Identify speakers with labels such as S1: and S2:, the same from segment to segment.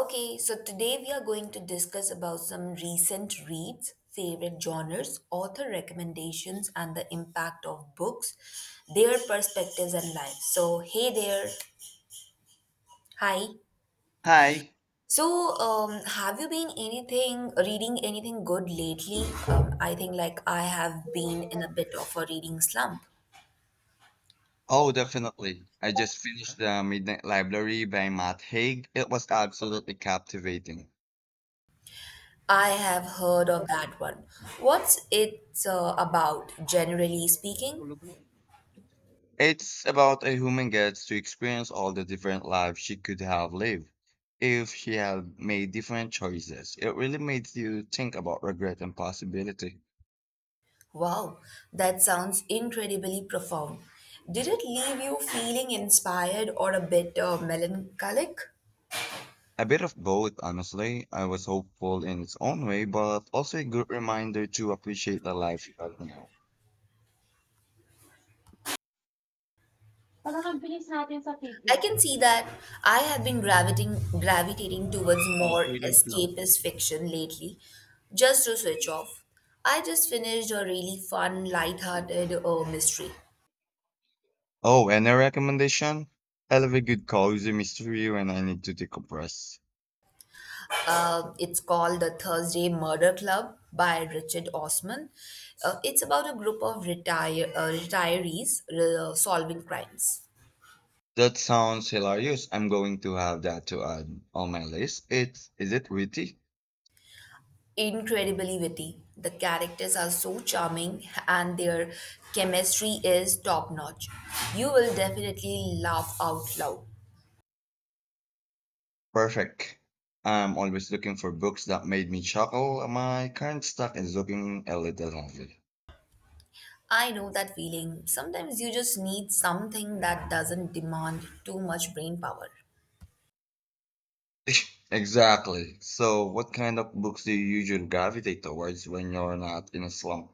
S1: Okay, so today we are going to discuss about some recent reads, favorite genres, author recommendations, and the impact of books, their perspectives and lives. So, hey there. Hi.
S2: Hi.
S1: So, have you been anything reading anything good lately? I think like I have been in a bit of a reading slump.
S2: Oh, definitely. I just finished The Midnight Library by Matt Haig. It was absolutely captivating.
S1: I have heard of that one. What's it about, generally speaking?
S2: It's about a woman gets to experience all the different lives she could have lived if she had made different choices. It really made you think about regret and possibility.
S1: Wow, that sounds incredibly profound. Did it leave you feeling inspired or a bit melancholic?
S2: A bit of both, honestly. I was hopeful in its own way, but also a good reminder to appreciate the life you have now.
S1: I can see that I have been gravitating towards more escapist fiction lately, just to switch off. I just finished a really fun, light-hearted mystery.
S2: Oh, and a recommendation? I love a good cozy mystery when I need to decompress.
S1: It's called The Thursday Murder Club by Richard Osman. It's about a group of retirees solving crimes.
S2: That sounds hilarious. I'm going to have that to add on my list. It's is it witty?
S1: Incredibly witty. The characters are so charming and their chemistry is top notch. You will definitely laugh out loud.
S2: Perfect. I'm always looking for books that made me chuckle. My current stack is looking a little lonely.
S1: I know that feeling. Sometimes you just need something that doesn't demand too much brain power.
S2: Exactly. So, what kind of books do you usually gravitate towards when you're not in a slump?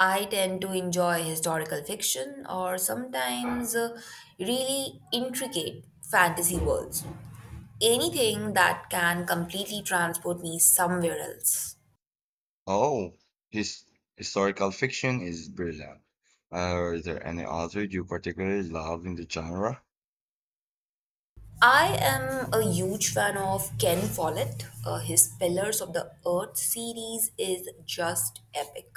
S1: I tend to enjoy historical fiction or sometimes really intricate fantasy worlds. Anything that can completely transport me somewhere else.
S2: Oh, his historical fiction is brilliant. Are there any authors you particularly love in the genre?
S1: I am a huge fan of Ken Follett. His Pillars of the Earth series is just epic.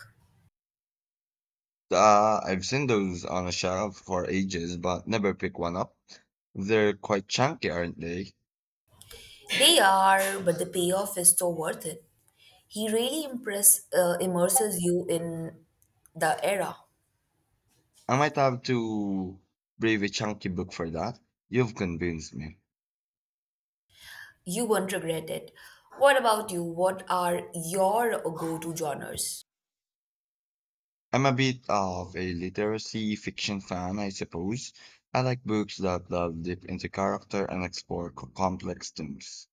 S2: I've seen those on a shelf for ages, but never pick one up. They're quite chunky, aren't they?
S1: They are, but the payoff is so worth it. He really immerses you in the era.
S2: I might have to brave a chunky book for that. You've convinced me.
S1: You won't regret it. What about you? What are your go to genres?
S2: I'm a bit of a literacy fiction fan, I suppose. I like books that delve deep into character and explore complex themes.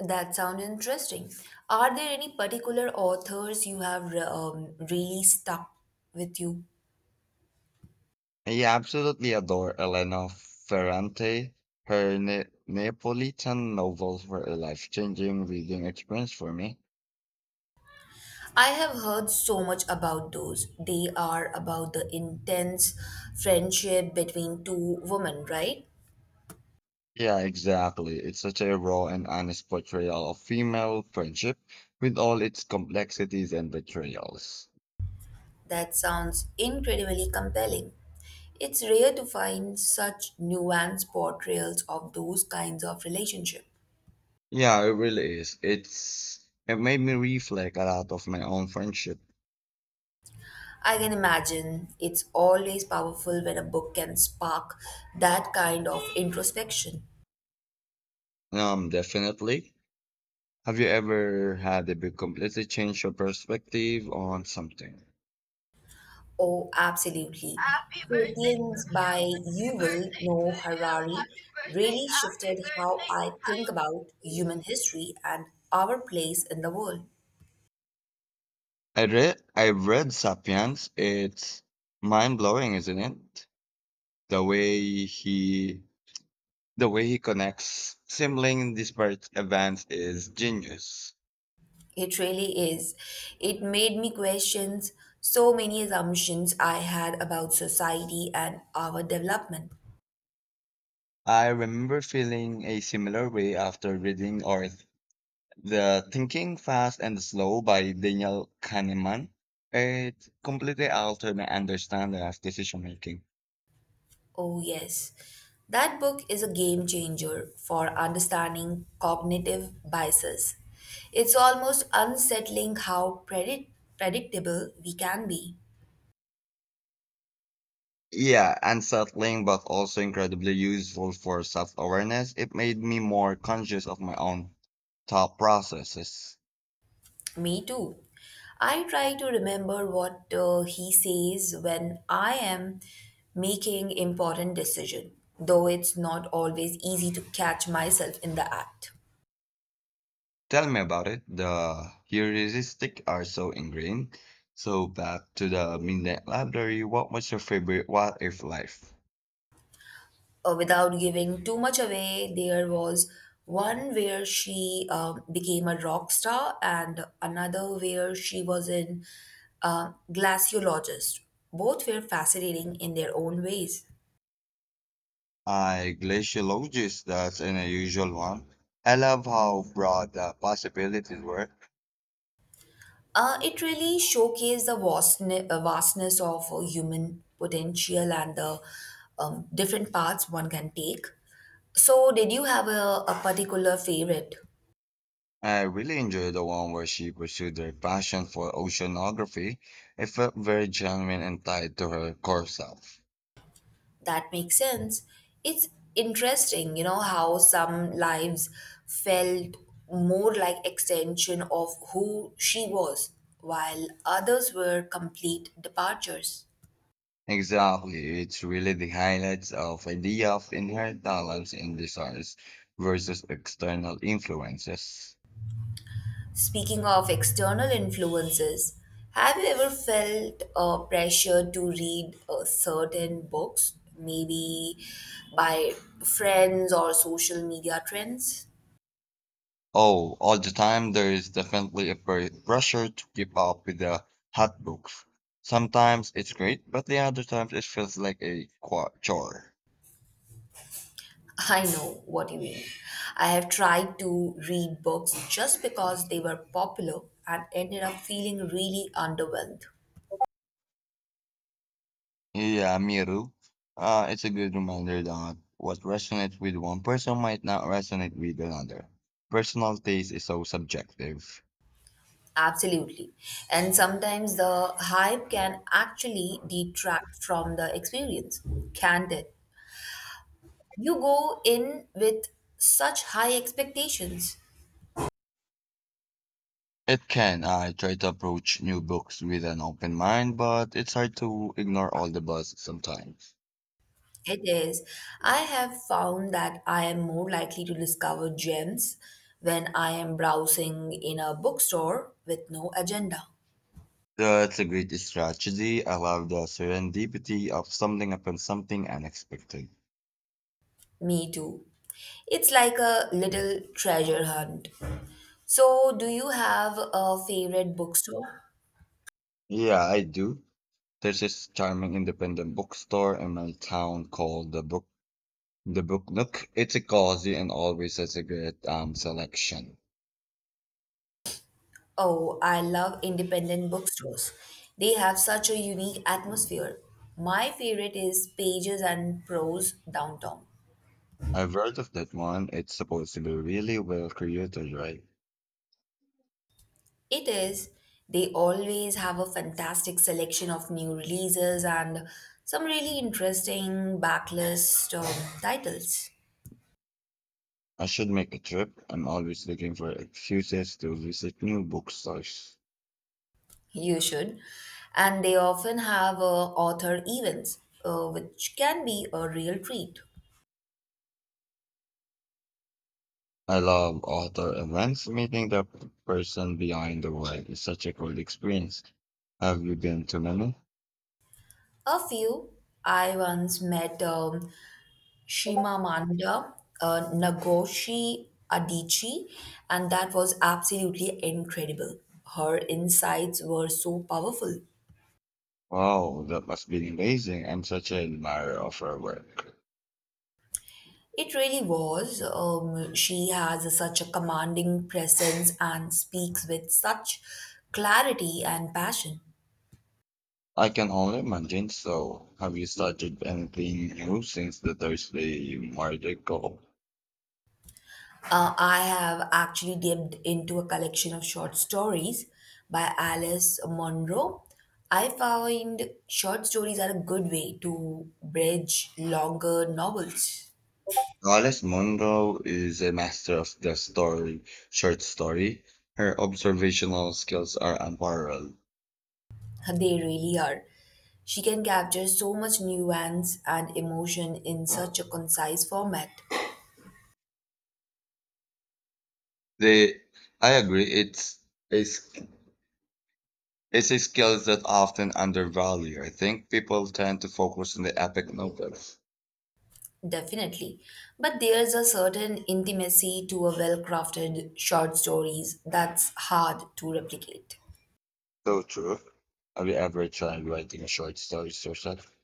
S1: That sounds interesting. Are there any particular authors you have really stuck with you?
S2: I absolutely adore Elena Ferrante. Her Neapolitan novels were a life-changing reading experience for me.
S1: I have heard so much about those. They are about the intense friendship between two women, right?
S2: Yeah, exactly. It's such a raw and honest portrayal of female friendship with all its complexities and betrayals.
S1: That sounds incredibly compelling. It's rare to find such nuanced portrayals of those kinds of relationships.
S2: Yeah, it really is. It made me reflect a lot of my own friendship.
S1: I can imagine it's always powerful when a book can spark that kind of introspection.
S2: Definitely. Have you ever had a big completely change your perspective on something?
S1: Oh, absolutely. Sapiens by Yuval Noah Harari really shifted how I think about human history and our place in the world.
S2: I've read Sapiens. It's mind blowing, isn't it? The way he the way he connects sibling disparate events is genius.
S1: It really is. It made me question so many assumptions I had about society and our development.
S2: I remember feeling a similar way after reading or the Thinking Fast and Slow by Daniel Kahneman. It completely altered my understanding of decision making.
S1: Oh, yes. That book is a game changer for understanding cognitive biases. It's almost unsettling how predictable we can be.
S2: Yeah, unsettling, but also incredibly useful for self-awareness. It made me more conscious of my own thought processes.
S1: Me too. I try to remember what he says when I am making important decision, though it's not always easy to catch myself in the act.
S2: Tell me about it. The heuristic are so ingrained. So back to the Midnight Library. What was your favorite what if life?
S1: Without giving too much away, there was one where she became a rock star and another where she was in glaciologist. Both were fascinating in their own ways.
S2: I glaciologist, that's an unusual one. I love how broad the possibilities were.
S1: It really showcased the vastness of human potential and the different paths one can take. So, did you have a particular favorite?
S2: I really enjoyed the one where she pursued her passion for oceanography. It felt very genuine and tied to her core self.
S1: That makes sense. It's interesting, you know, how some lives felt more like extension of who she was, while others were complete departures.
S2: Exactly, it's really the highlights of idea of inherent talents and desires versus external influences.
S1: Speaking of external influences, have you ever felt pressure to read certain books, maybe by friends or social media trends?
S2: Oh, all the time there is definitely a pressure to keep up with the hot books. Sometimes it's great, but the other times it feels like a chore.
S1: I know what you mean. I have tried to read books just because they were popular and ended up feeling really underwhelmed.
S2: Yeah, Miru. It's a good reminder that what resonates with one person might not resonate with another. Personal taste is so subjective.
S1: Absolutely. And sometimes the hype can actually detract from the experience, can't it? You go in with such high expectations.
S2: It can. I try to approach new books with an open mind, but it's hard to ignore all the buzz sometimes.
S1: It is. I have found that I am more likely to discover gems when I am browsing in a bookstore with no agenda.
S2: That's a great strategy. I love the serendipity of something upon something unexpected.
S1: Me too. It's like a little treasure hunt. So, do you have a favorite bookstore?
S2: Yeah, I do. There's this charming independent bookstore in my town called the book look, it's a cozy and always has a great selection.
S1: Oh, I love independent bookstores. They have such a unique atmosphere. My favorite is Pages and Prose downtown.
S2: I've heard of that one. It's supposed to be really well created, right?
S1: It is. They always have a fantastic selection of new releases and some really interesting backlist titles.
S2: I should make a trip. I'm always looking for excuses to visit new bookstores.
S1: You should. And they often have author events, which can be a real treat.
S2: I love author events. Meeting the person behind the work is such a cool experience. Have you been to many?
S1: A few, I once met Shimamanda Nagoshi Adichie, and that was absolutely incredible. Her insights were so powerful.
S2: Wow, that must be amazing. I'm such an admirer of her work.
S1: It really was. She has such a commanding presence and speaks with such clarity and passion.
S2: I can only imagine. So, have you started anything new since the Thursday Market Call?
S1: I have actually dipped into a collection of short stories by Alice Munro. I find short stories are a good way to bridge longer novels.
S2: Alice Munro is a master of the story, short story. Her observational skills are unparalleled.
S1: They really are. She can capture so much nuance and emotion in such a concise format.
S2: They, I agree, it's a, s- it's a skill that often undervalued. I think people tend to focus on the epic novels.
S1: Definitely. But there's a certain intimacy to a well crafted short stories that's hard to replicate.
S2: So true. Have you ever tried writing a short story, yourself?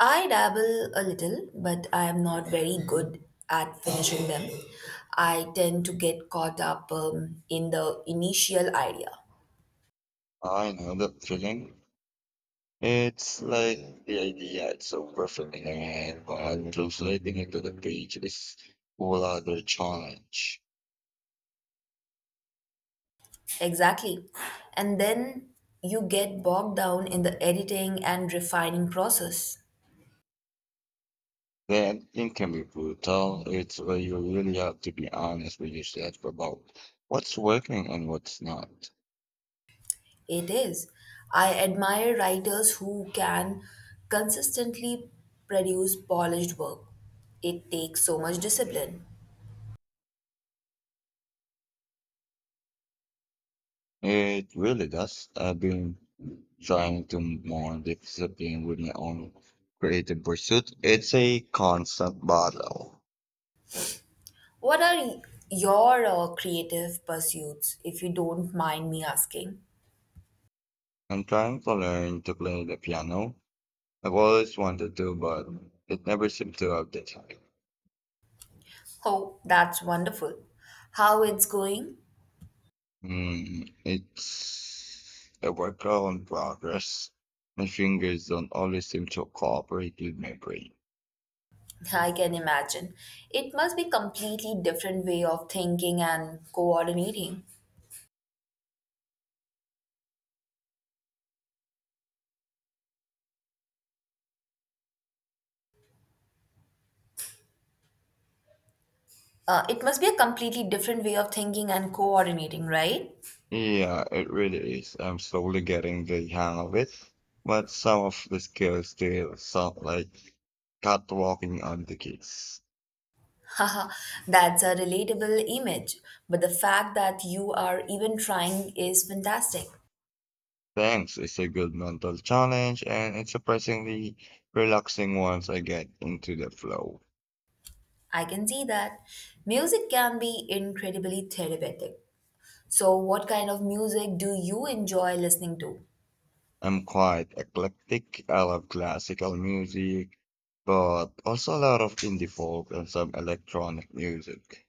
S1: I dabble a little, but I am not very good at finishing them. I tend to get caught up in the initial idea.
S2: I know that feeling. It's like the idea it's of your and while translating into the page is whole other challenge.
S1: Exactly. And then you get bogged down in the editing and refining process.
S2: The ending can be brutal. It's where you really have to be honest with yourself about what's working and what's not.
S1: It is. I admire writers who can consistently produce polished work. It takes so much discipline.
S2: It really does. I've been trying to be more discipline with my own creative pursuit. It's a constant battle.
S1: What are your creative pursuits, if you don't mind me asking?
S2: I'm trying to learn to play the piano I've always wanted to, but it never seemed to have the time.
S1: Oh, that's wonderful. How it's going?
S2: It's a work in progress. My fingers don't always seem to cooperate with my brain.
S1: I can imagine. It must be completely different way of thinking and coordinating. It must be a completely different way of thinking and coordinating, right?
S2: Yeah, it really is. I'm slowly getting the hang of it, but some of the skills still sound like catwalking on the keys.
S1: Haha, that's a relatable image. But the fact that you are even trying is fantastic.
S2: Thanks, it's a good mental challenge, and it's surprisingly relaxing once I get into the flow.
S1: I can see that. Music can be incredibly therapeutic. So, what kind of music do you enjoy listening to?
S2: I'm quite eclectic. I love classical music, but also a lot of indie folk and some electronic music.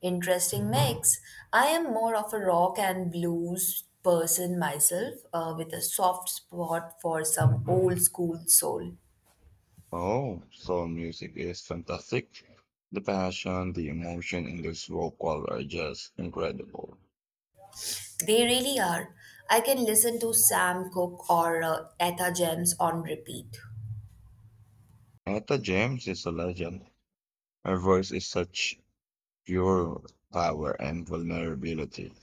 S1: Interesting mix. I am more of a rock and blues person myself, with a soft spot for some old school soul.
S2: Oh, soul music is fantastic. The passion, the emotion in this vocal are just incredible.
S1: They really are. I can listen to Sam Cooke or Etta James on repeat.
S2: Etta James is a legend. Her voice is such pure power and vulnerability.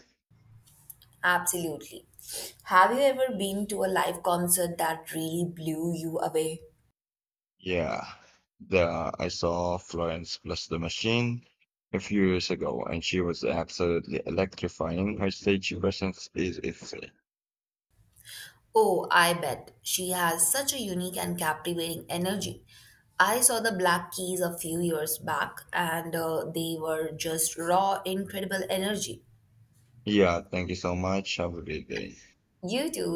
S1: Absolutely. Have you ever been to a live concert that really blew you away?
S2: Yeah, the I saw Florence plus the Machine a few years ago, and she was absolutely electrifying. Her stage presence is insane.
S1: Oh, I bet. She has such a unique and captivating energy. I saw the Black Keys a few years back and they were just raw, incredible energy.
S2: Yeah, thank you so much. Have a great day.
S1: You too